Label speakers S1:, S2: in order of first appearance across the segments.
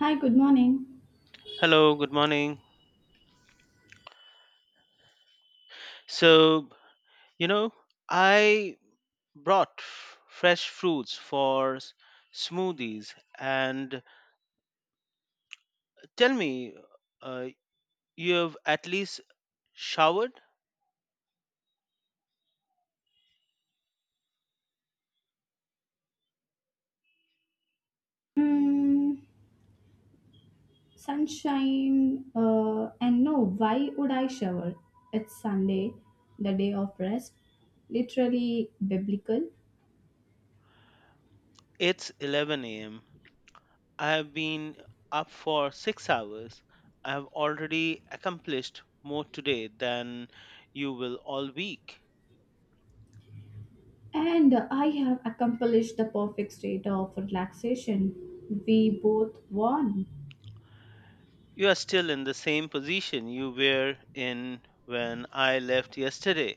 S1: Hi, good morning.
S2: Hello, good morning. So, you know, I brought fresh fruits for smoothies. And tell me, uh, you have at least showered?
S1: Mm, sunshine, and no, why would I shower? It's Sunday, the day of rest, literally biblical.
S2: It's 11 a.m. I have been up for 6 hours. I have already accomplished more today than you will all week.
S1: And I have accomplished the perfect state of relaxation, we both won.
S2: You are still in the same position you were in when I left yesterday.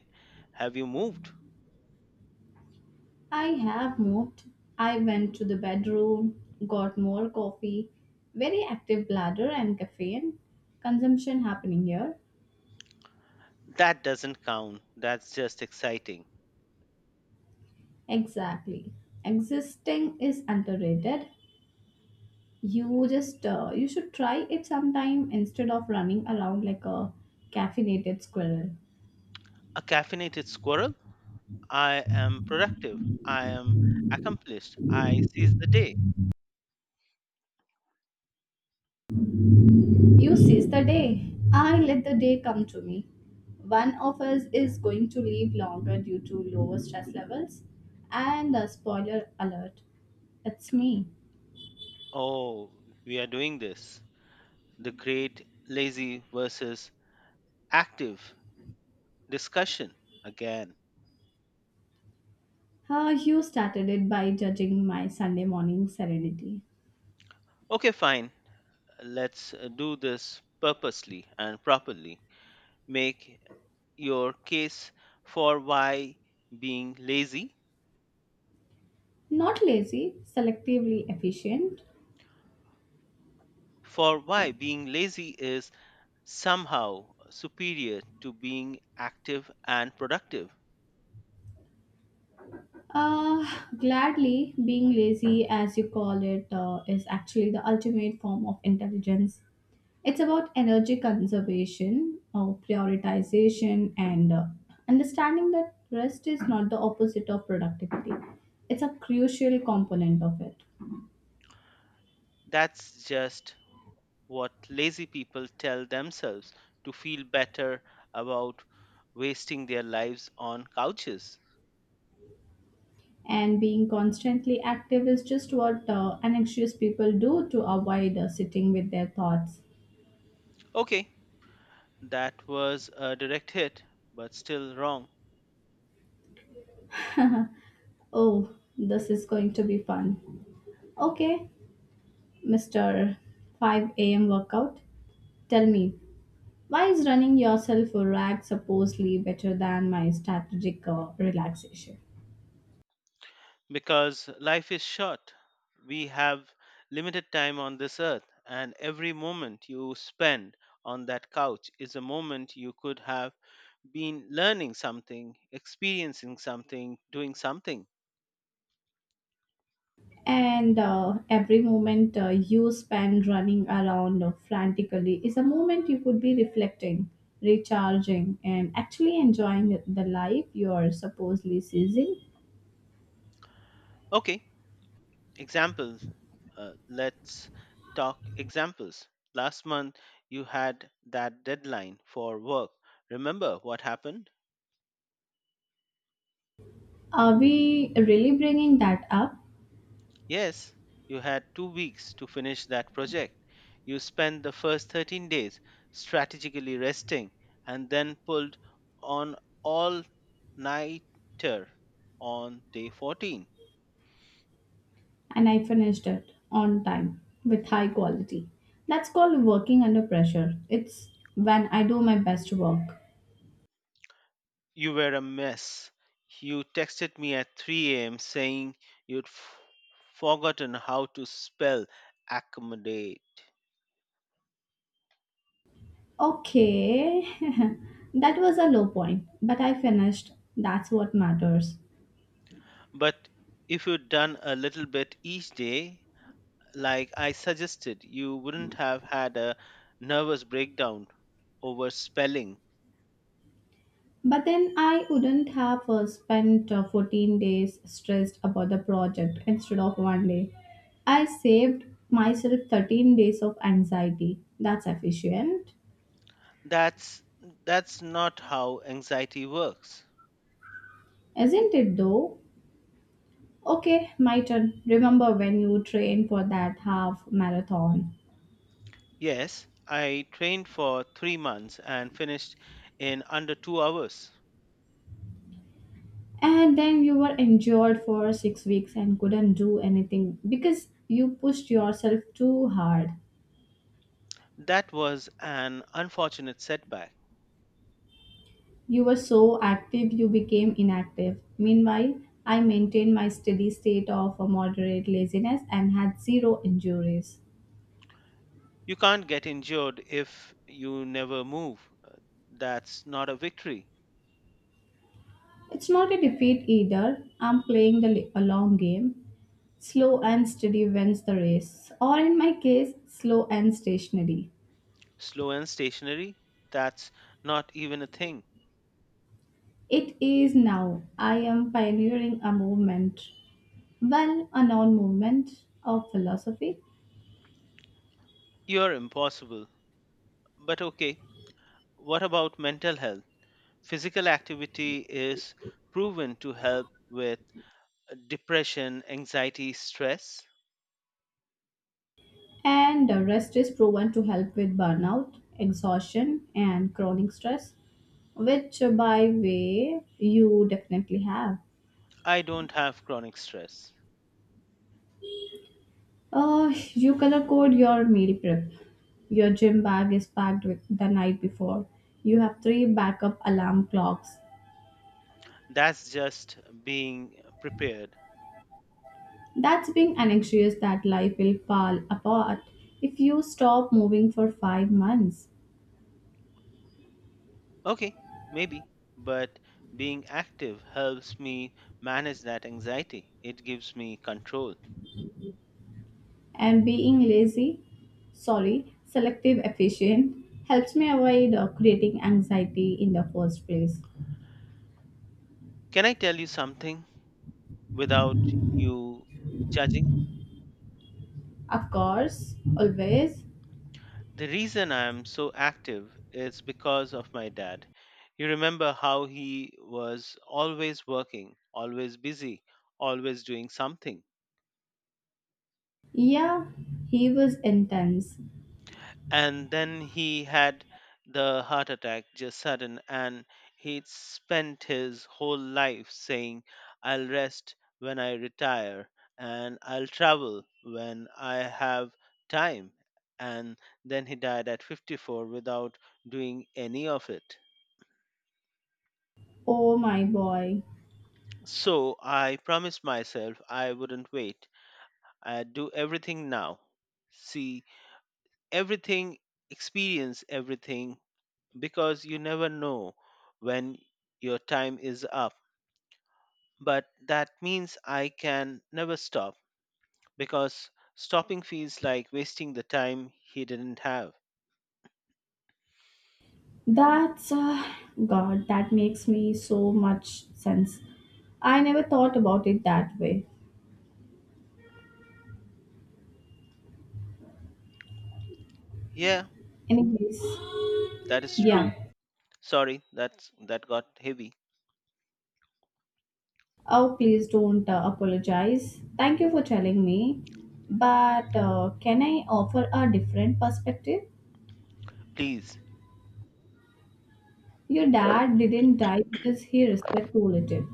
S2: Have you moved?
S1: I have moved. I went to the bedroom, got more coffee, very active bladder and caffeine consumption happening here.
S2: That doesn't count. That's just exciting.
S1: Exactly. Existing is underrated. You should try it sometime instead of running around like a caffeinated squirrel.
S2: A caffeinated squirrel? I am productive. I am accomplished. I seize the day.
S1: You seize the day. I let the day come to me. One of us is going to live longer due to lower stress levels. And a spoiler alert, it's me.
S2: Oh, we are doing this. The great lazy versus active discussion again.
S1: Ah, you started it by judging my Sunday morning serenity.
S2: Okay, fine. Let's do this purposely and properly. Make your case for why being lazy.
S1: Not lazy, selectively efficient.
S2: For why being lazy is somehow superior to being active and productive.
S1: Uh, Gladly, being lazy, as you call it, is actually the ultimate form of intelligence. It's about energy conservation, prioritization, and understanding that rest is not the opposite of productivity. It's a crucial component of it.
S2: That's just what lazy people tell themselves to feel better about wasting their lives on couches.
S1: And being constantly active is just what anxious people do to avoid sitting with their thoughts.
S2: Okay, that was a direct hit, but still wrong
S1: Oh, this is going to be fun. Okay, Mr. 5 a.m. workout. Tell me, why is running yourself a rag supposedly better than my strategic relaxation?
S2: because life is short. We have limited time on this earth, and every moment you spend on that couch is a moment you could have been learning something, experiencing something, doing something.
S1: And every moment you spend running around frantically is a moment you could be reflecting, recharging, and actually enjoying the life you are supposedly seizing.
S2: Okay, examples. Let's talk examples. Last month, you had that deadline for work. Remember what happened?
S1: Are we really bringing that up?
S2: Yes, you had 2 weeks to finish that project. You spent the first 13 days strategically resting and then pulled on all nighter on day 14.
S1: And I finished it on time with high quality. That's called working under pressure. It's when I do my best work.
S2: You were a mess. You texted me at 3 a.m. saying you'd forgotten how to spell accommodate.
S1: Okay, that was a low point, but I finished. That's what matters.
S2: But if you'd done a little bit each day, like I suggested, you wouldn't have had a nervous breakdown over spelling.
S1: But then I wouldn't have spent 14 days stressed about the project instead of 1 day. I saved myself 13 days of anxiety. That's efficient,
S2: That's that's not how anxiety works.
S1: isn't it though? Okay, my turn. Remember when you trained for that half marathon
S2: Yes, I trained for 3 months and finished in under 2 hours.
S1: and then you were injured for 6 weeks and couldn't do anything because you pushed yourself too hard.
S2: That was an unfortunate setback.
S1: You were so active, you became inactive. Meanwhile, I maintained my steady state of a moderate laziness and had zero injuries.
S2: You can't get injured if you never move. That's not a victory.
S1: It's not a defeat either. I'm playing a long game. Slow and steady wins the race, or in my case, slow and stationary.
S2: Slow and stationary? That's not even a thing.
S1: It is now. I am pioneering a movement, well, a non movement of philosophy,
S2: You're impossible. But okay, what about mental health? Physical activity is proven to help with depression, anxiety, stress.
S1: and the rest is proven to help with burnout, exhaustion, and chronic stress, which, by way, you definitely have.
S2: I don't have chronic stress.
S1: You color code your meal prep. Your gym bag is packed with the night before. You have three backup alarm clocks.
S2: That's just being prepared.
S1: That's being anxious that life will fall apart if you stop moving for 5 months.
S2: Okay, maybe, but being active helps me manage that anxiety. It gives me control.
S1: And being lazy, sorry, selective efficient helps me avoid creating anxiety in the first place.
S2: Can I tell you something without you judging?
S1: Of course, always.
S2: The reason I'm so active is because of my dad. You remember how he was always working, always busy, always doing something.
S1: Yeah, he was intense.
S2: And then he had the heart attack, just sudden, and he spent his whole life saying, I'll rest when I retire, and I'll travel when I have time. And then he died at 54 without doing any of it.
S1: Oh my boy.
S2: So I promised myself I wouldn't wait. I'd do everything now, see everything, experience everything, because you never know when your time is up. But that means I can never stop because stopping feels like wasting the time he didn't have.
S1: That's God, that makes me so much sense. I never thought about it that way.
S2: Yeah,
S1: Anyways,
S2: that is true.
S1: yeah.
S2: Sorry, that got heavy.
S1: Oh, please don't apologize. Thank you for telling me. But can I offer a different perspective?
S2: Please,
S1: Your dad didn't die because he respect too little.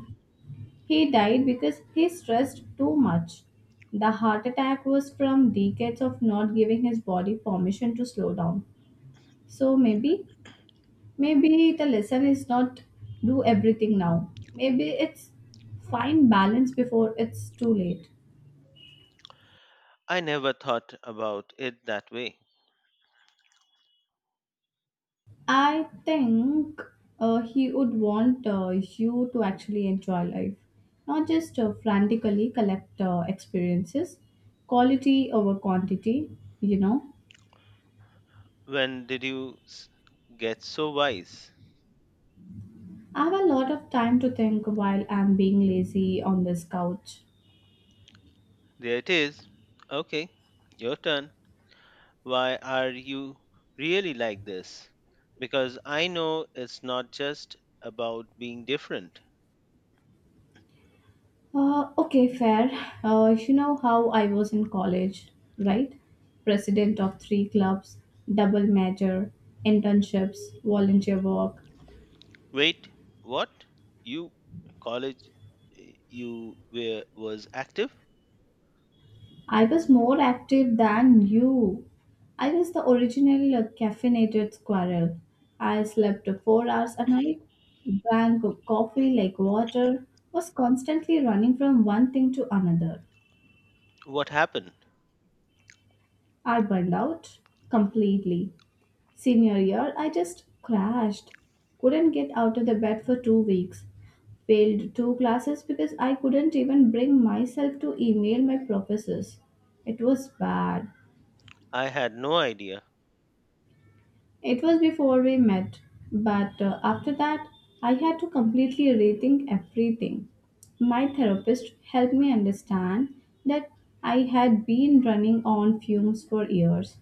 S1: He died because he stressed too much. The heart attack was from decades of not giving his body permission to slow down. So maybe, maybe the lesson is not do everything now. Maybe it's find balance before it's too late.
S2: I never thought about it that way.
S1: I think he would want you to actually enjoy life, not just frantically collect experiences, quality over quantity, you know.
S2: When did you get so wise?
S1: I have a lot of time to think while I'm being lazy on this couch.
S2: There it is. Okay, your turn. Why are you really like this? Because I know it's not just about being different.
S1: Okay, fair. You know how I was in college, right? President of 3 clubs, double major, internships, volunteer work.
S2: Wait, what? You college, eh, you were was active?
S1: I was more active than you. I was the original caffeinated squirrel. I slept 4 hours a night, drank coffee like water, was constantly running from one thing to another.
S2: What happened?
S1: I burned out completely. Senior year, I just crashed. Couldn't get out of the bed for 2 weeks. Failed two classes because I couldn't even bring myself to email my professors. It was bad.
S2: I had no idea.
S1: It was before we met, but after that, I had to completely rethink everything. My therapist helped me understand that I had been running on fumes for years.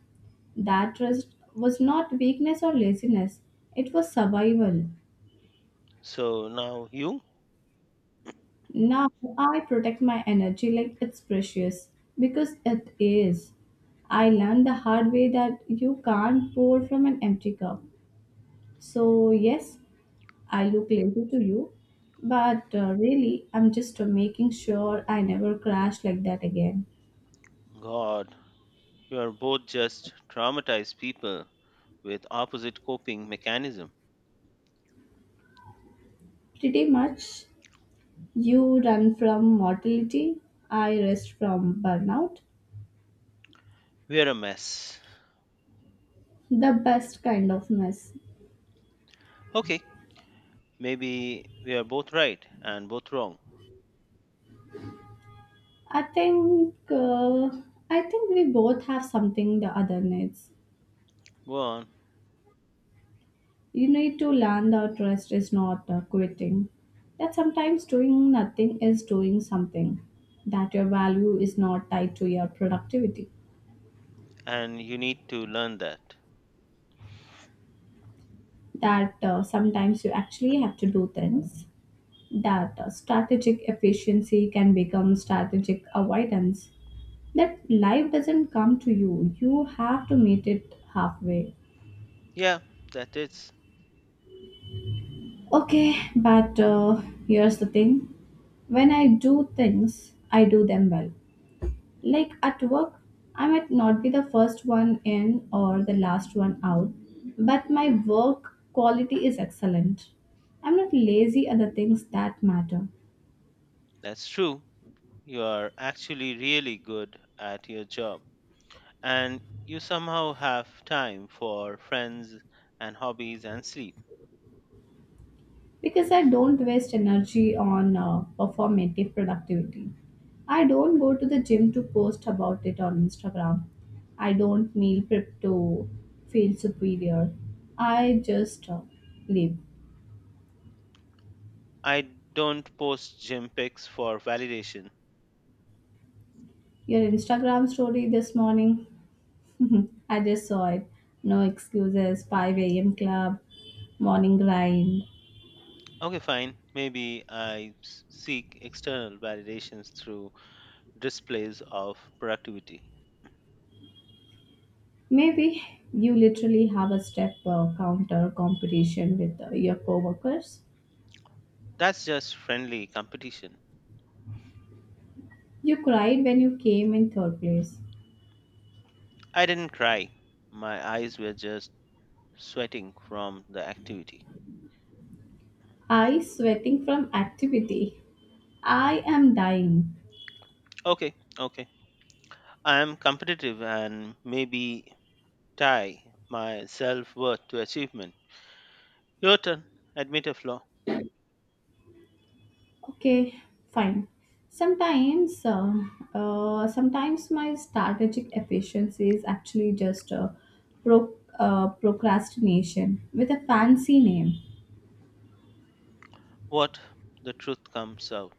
S1: That trust was not weakness or laziness, it was survival.
S2: So now you?
S1: Now I protect my energy like it's precious because it is. I learned the hard way that you can't pour from an empty cup. So, yes, I look lazy to you, but really, I'm just making sure I never crash like that again.
S2: God, you are both just traumatized people with opposite coping mechanism.
S1: Pretty much, you run from mortality, I rest from burnout.
S2: We're a mess.
S1: The best kind of mess.
S2: Okay, maybe we are both right and both wrong.
S1: I think, uh, I think we both have something the other needs.
S2: Go on.
S1: You need to learn that rest is not quitting. That sometimes doing nothing is doing something. That your value is not tied to your productivity.
S2: And you need to learn that.
S1: That sometimes you actually have to do things, that strategic efficiency can become strategic avoidance, that life doesn't come to you, you have to meet it halfway.
S2: Yeah, that is
S1: Okay, but here's the thing, when I do things, I do them well, like at work. I might not be the first one in or the last one out, but my work quality is excellent. I'm not lazy at the things that matter.
S2: that's true. You are actually really good at your job and you somehow have time for friends and hobbies and sleep.
S1: Because I don't waste energy on performative productivity. I don't go to the gym to post about it on Instagram. I don't meal prep to feel superior. I just live.
S2: I don't post gym pics for validation.
S1: Your Instagram story this morning, I just saw it. No excuses, 5 a.m. club, morning grind.
S2: Okay, fine. Maybe I seek external validations through displays of productivity.
S1: Maybe you literally have a step counter competition with your coworkers.
S2: That's just friendly competition.
S1: You cried when you came in third place.
S2: I didn't cry. My eyes were just sweating from the activity.
S1: I sweating from activity. I am dying.
S2: Okay, okay. I am competitive and maybe tie my self worth to achievement. Your turn. Admit a flaw.
S1: Okay, fine. Sometimes, uh, sometimes my strategic efficiency is actually just procrastination with a fancy name.
S2: What, the truth comes out.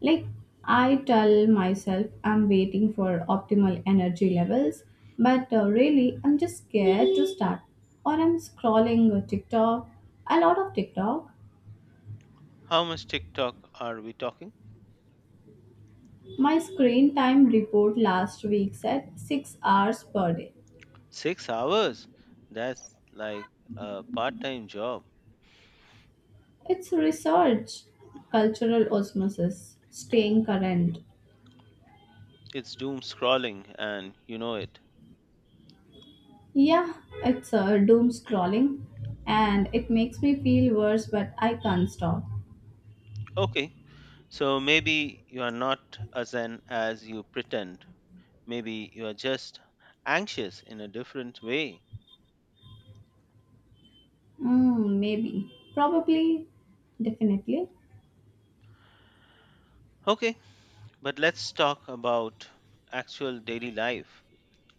S1: Like, I tell myself I'm waiting for optimal energy levels, but really, I'm just scared to start. Or I'm scrolling TikTok, a lot of TikTok.
S2: How much TikTok are we talking?
S1: My screen time report last week said 6 hours per day.
S2: 6 hours? That's like a part time job.
S1: It's research, cultural osmosis, staying current.
S2: It's doom scrolling and you know it.
S1: Yeah, it's doom scrolling and it makes me feel worse, but I can't stop.
S2: Okay, so maybe you are not as zen as you pretend. Maybe you are just anxious in a different way.
S1: Mm, maybe. Probably. Definitely.
S2: Okay, but let's talk about actual daily life.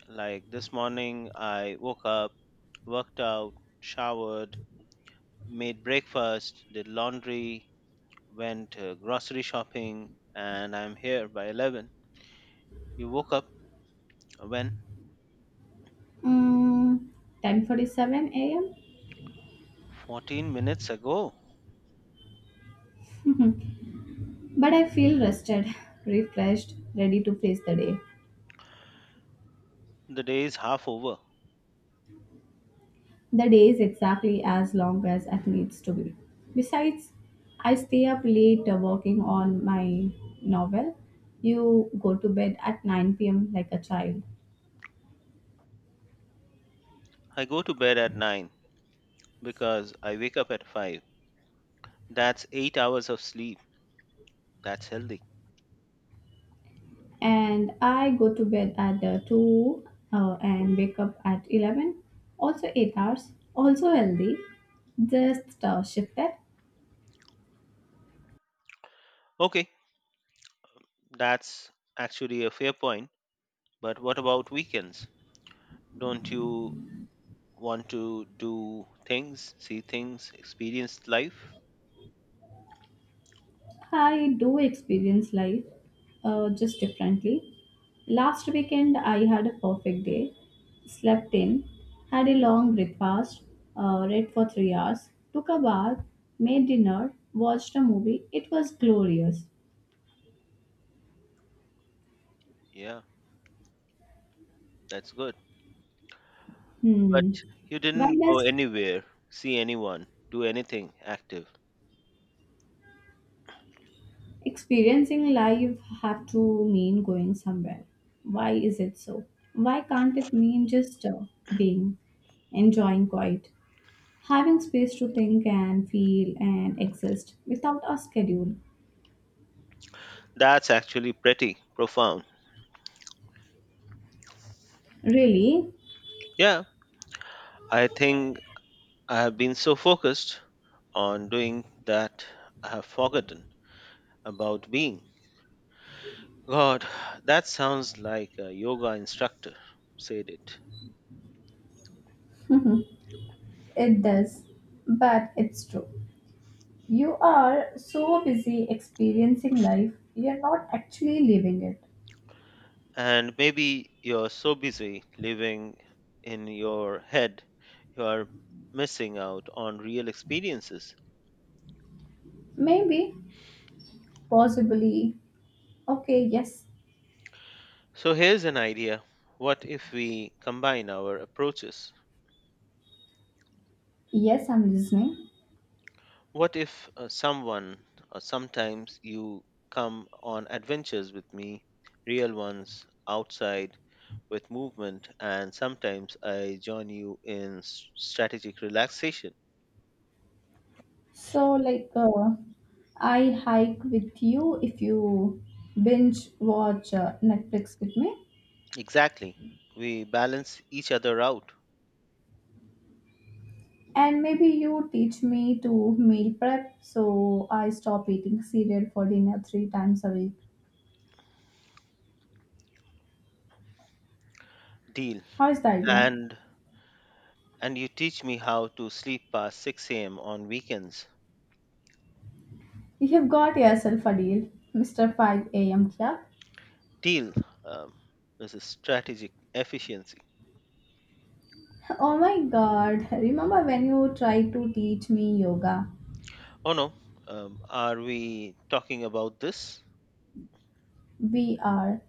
S2: Like this morning, I woke up, worked out, showered, made breakfast, did laundry, went grocery shopping, and I'm here by 11. You woke up when?
S1: Mm, 10:47 a.m.
S2: 14 minutes ago.
S1: But I feel rested, refreshed, ready to face the day.
S2: The day is half over.
S1: The day is exactly as long as it needs to be. Besides, I stay up late working on my novel. You go to bed at 9 p.m. like a child.
S2: I go to bed at 9 because I wake up at 5. That's 8 hours of sleep. That's healthy.
S1: And I go to bed at 2 and wake up at 11. Also 8 hours, also healthy, just shifted.
S2: Okay, that's actually a fair point. But what about weekends? Don't you want to do things, see things, experience life?
S1: I do experience life just differently. Last weekend, I had a perfect day, slept in, had a long breakfast, read for 3 hours, took a bath, made dinner, watched a movie. It was glorious.
S2: Yeah, that's good. But
S1: Hmm.
S2: you
S1: Why
S2: didn't go
S1: does
S2: anywhere, see anyone, do anything active.
S1: experiencing life have to mean going somewhere? Why is it so? Why can't it mean just being, enjoying quiet, having space to think and feel and exist without a schedule?
S2: That's actually pretty profound.
S1: Really?
S2: Yeah, I think I have been so focused on doing that I have forgotten about being. God, that sounds like a yoga instructor said it.
S1: It does, but it's true. You are so busy experiencing life, you're not actually living it.
S2: And maybe you're so busy living in your head you are missing out on real experiences.
S1: Maybe, possibly. Okay, yes,
S2: So here's an idea. What if we combine our approaches?
S1: yes, I'm listening.
S2: What if someone, or sometimes you, come on adventures with me, real ones outside with movement, and sometimes I join you in strategic relaxation.
S1: So, like, I hike with you if you binge watch Netflix with me.
S2: Exactly, we balance each other out.
S1: And maybe you teach me to meal prep so I stop eating cereal for dinner 3 times a week.
S2: Deal.
S1: How is the idea?
S2: And and you teach me how to sleep past 6 a.m. on weekends.
S1: You have got yourself a deal, Mr. 5 a.m. Club.
S2: Deal. Um, this is strategic efficiency.
S1: Oh my god, remember when you tried to teach me yoga?
S2: Oh no, are we talking about this?
S1: We are.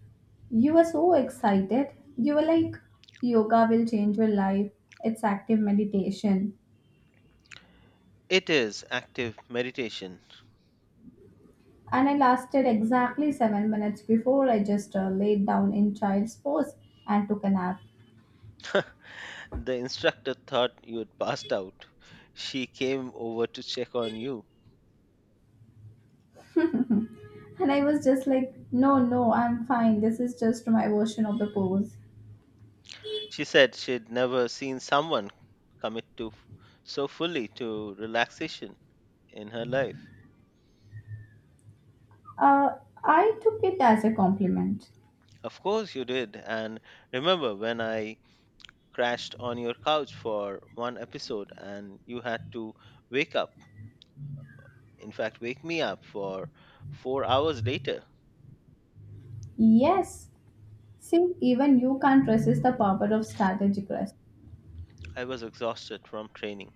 S1: You were so excited. You were like, yoga will change your life. It's active meditation.
S2: It is active meditation.
S1: And I lasted exactly 7 minutes before I just laid down in child's pose and took a nap.
S2: The instructor thought you had passed out. She came over to check on you.
S1: And I was just like, no, no, I'm fine. This is just my version of the pose.
S2: She said she'd never seen someone commit to so fully to relaxation in her life.
S1: Uh, I took it as a compliment.
S2: Of course you did. And remember when I crashed on your couch for one episode and you had to wake up, in fact, wake me up for 4 hours later.
S1: Yes. See, even you can't resist the power of strategic rest.
S2: I was exhausted from training.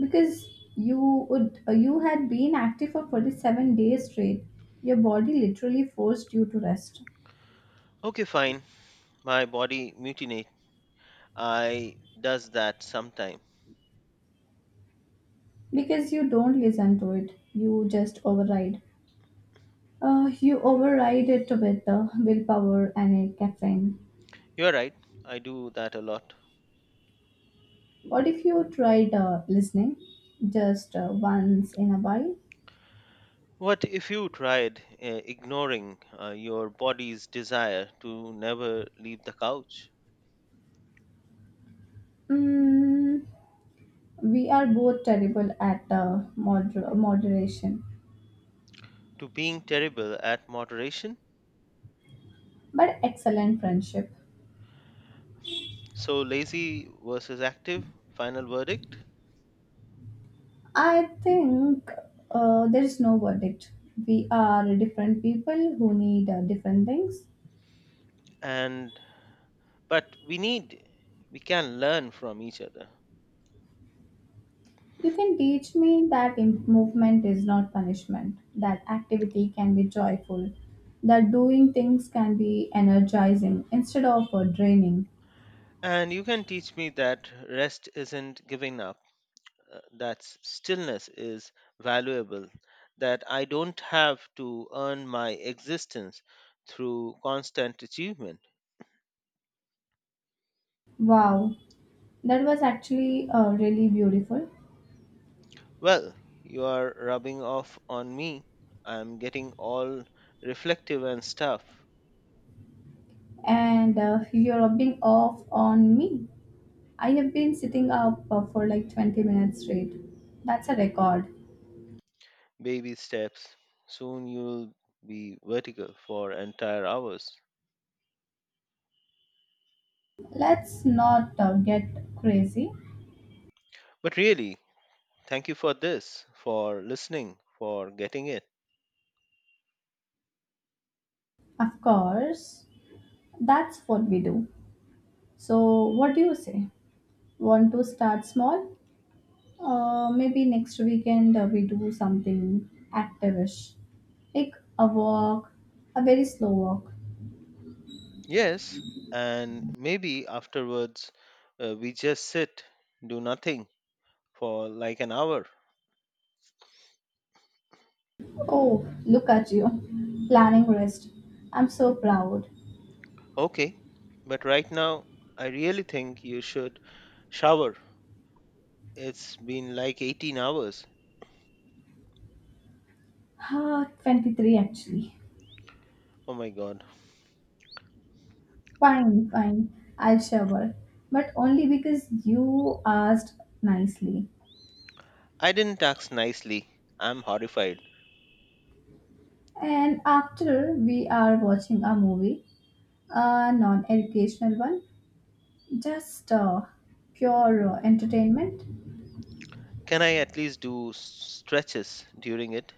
S1: Because you had been active for 47 days straight, your body literally forced you to rest.
S2: Okay, fine. My body mutinate. I does that sometime.
S1: Because you don't listen to it, you just override, you override it with willpower and caffeine.
S2: You're right. I do that a lot.
S1: What if you tried listening just once in a while?
S2: What if you tried ignoring your body's desire to never leave the couch,
S1: Mm, we are both terrible at moderation,
S2: to being terrible at moderation?
S1: but excellent friendship.
S2: So lazy versus active, final verdict.
S1: I think there is no verdict. We are different people who need different things.
S2: And But we need, we can learn from each other.
S1: You can teach me that movement is not punishment, that activity can be joyful, that doing things can be energizing instead of draining.
S2: And you can teach me that rest isn't giving up, that stillness is valuable, that I don't have to earn my existence through constant achievement.
S1: Wow, that was actually really beautiful.
S2: Well, you are rubbing off on me. I'm getting all reflective and stuff.
S1: And you're rubbing off on me. I have been sitting up for like 20 minutes straight. That's a record.
S2: Baby steps. Soon you'll be vertical for entire hours.
S1: Let's not get crazy.
S2: But really, thank you for this, for listening, for getting it.
S1: Of course, that's what we do. So, what do you say? Want to start small? Maybe next weekend we do something active-ish, like a walk, a very slow walk.
S2: Yes, and maybe afterwards we just sit, do nothing for like an hour.
S1: Oh, look at you, planning rest. I'm so proud.
S2: Okay, but right now I really think you should shower. It's been like 18 hours.
S1: Ah, 23 actually.
S2: Oh my god.
S1: Fine, fine. I'll shower, but only because you asked nicely.
S2: I didn't ask nicely. I'm horrified.
S1: And after we are watching a movie, a non educational one, just pure entertainment,
S2: Can I at least do stretches during it?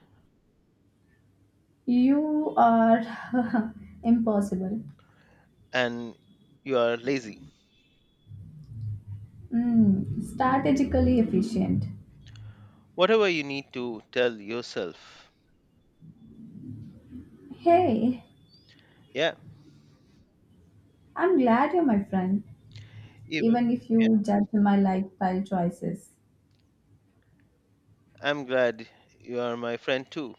S1: you are impossible.
S2: And you are lazy.
S1: Mm, strategically efficient.
S2: Whatever you need to tell yourself.
S1: Hey,
S2: Yeah,
S1: I'm glad you're my friend,
S2: even
S1: even if
S2: yeah,
S1: you judge my lifestyle choices.
S2: I'm glad you are my friend too,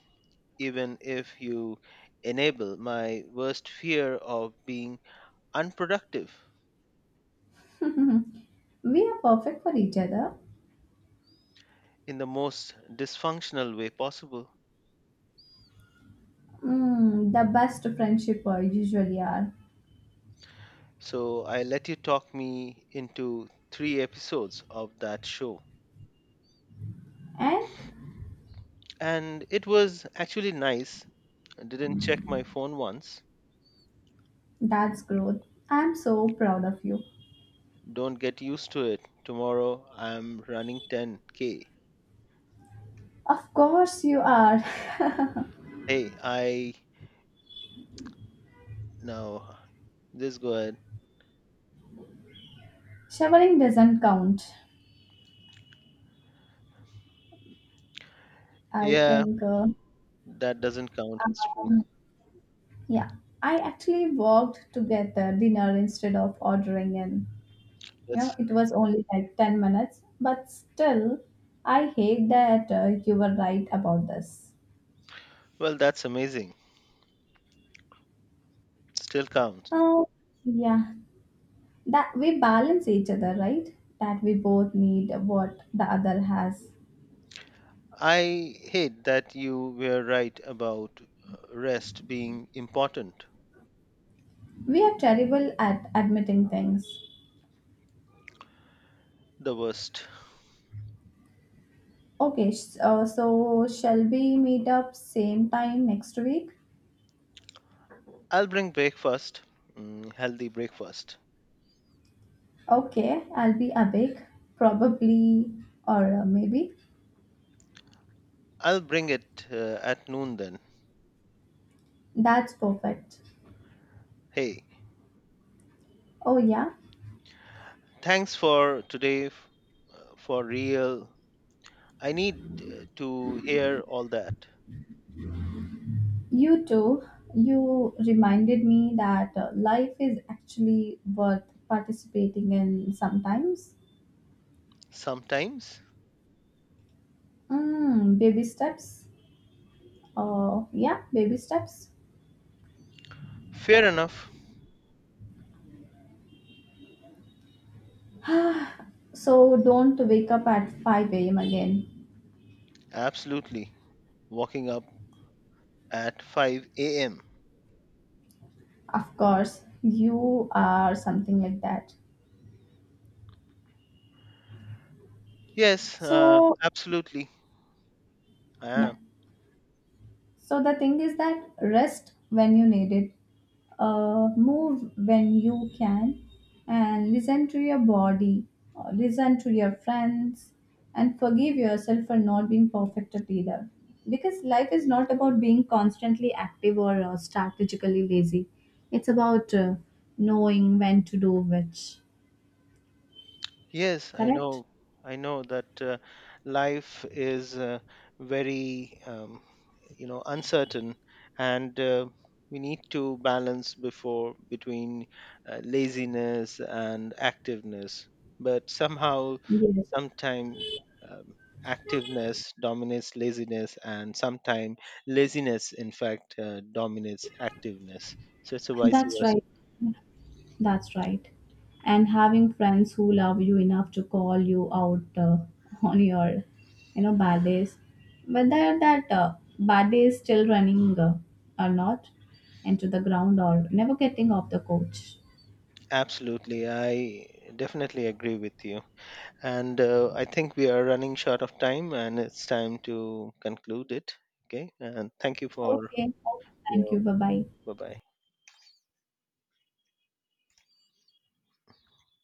S2: even if you enable my worst fear of being unproductive
S1: We are perfect for each other.
S2: in the most dysfunctional way possible.
S1: Mm, the best friendship usually are.
S2: So I let you talk me into 3 episodes of that show.
S1: And
S2: And it was actually nice. I didn't check my phone once.
S1: that's growth. I'm so proud of you.
S2: Don't get used to it. Tomorrow I'm running 10K.
S1: Of course you are.
S2: Hey, I. No, just go ahead.
S1: Showering doesn't count. I
S2: Yeah,
S1: think.
S2: that doesn't count. It's true.
S1: Um, yeah, I actually walked to get the dinner instead of ordering in. You know,
S2: That's
S1: it was only like 10 minutes, but still, I hate that you were right about this.
S2: well. that's amazing. Still counts.
S1: Oh, yeah. That we balance each other, right? That we both need what the other has.
S2: I hate that you were right about rest being important.
S1: We are terrible at admitting things.
S2: The worst.
S1: Okay, so shall we meet up same time next week?
S2: I'll bring breakfast. Mm, healthy breakfast.
S1: Okay, I'll be awake, probably or maybe.
S2: I'll bring it at noon then.
S1: That's perfect.
S2: Hey,
S1: Oh, yeah,
S2: thanks for today. For real. I need to hear all that.
S1: you too. You reminded me that life is actually worth participating in sometimes.
S2: Sometimes.
S1: Mm, baby steps. Oh, yeah, baby steps.
S2: Fair enough.
S1: So don't wake up at 5 a.m. again.
S2: Absolutely. Walking up at 5 a.m.
S1: Of course, you are something like that.
S2: Yes,
S1: So,
S2: absolutely. I
S1: yeah.
S2: am.
S1: So, the thing is that rest when you need it, move when you can, and listen to your body, listen to your friends, and forgive yourself for not being perfect at either. Because life is not about being constantly active or strategically lazy, it's about knowing when to do which.
S2: Yes, I
S1: Correct?
S2: know. I know that life is very, um, uncertain, and we need to balance before between laziness and activeness. But somehow,
S1: Yes,
S2: sometime um, activeness dominates laziness, and sometime laziness, in fact, dominates activeness. So it's a vice
S1: that's
S2: versa.
S1: right. That's right. And having friends who love you enough to call you out on your, you know, bad days, whether that bad day is still running or not, and to the ground or never getting off the coach.
S2: Absolutely. I definitely agree with you. And I think we are running short of time and it's time to conclude it. Okay. And thank you for
S1: Okay. Okay. Thank
S2: your.
S1: you. Bye bye.
S2: Bye bye.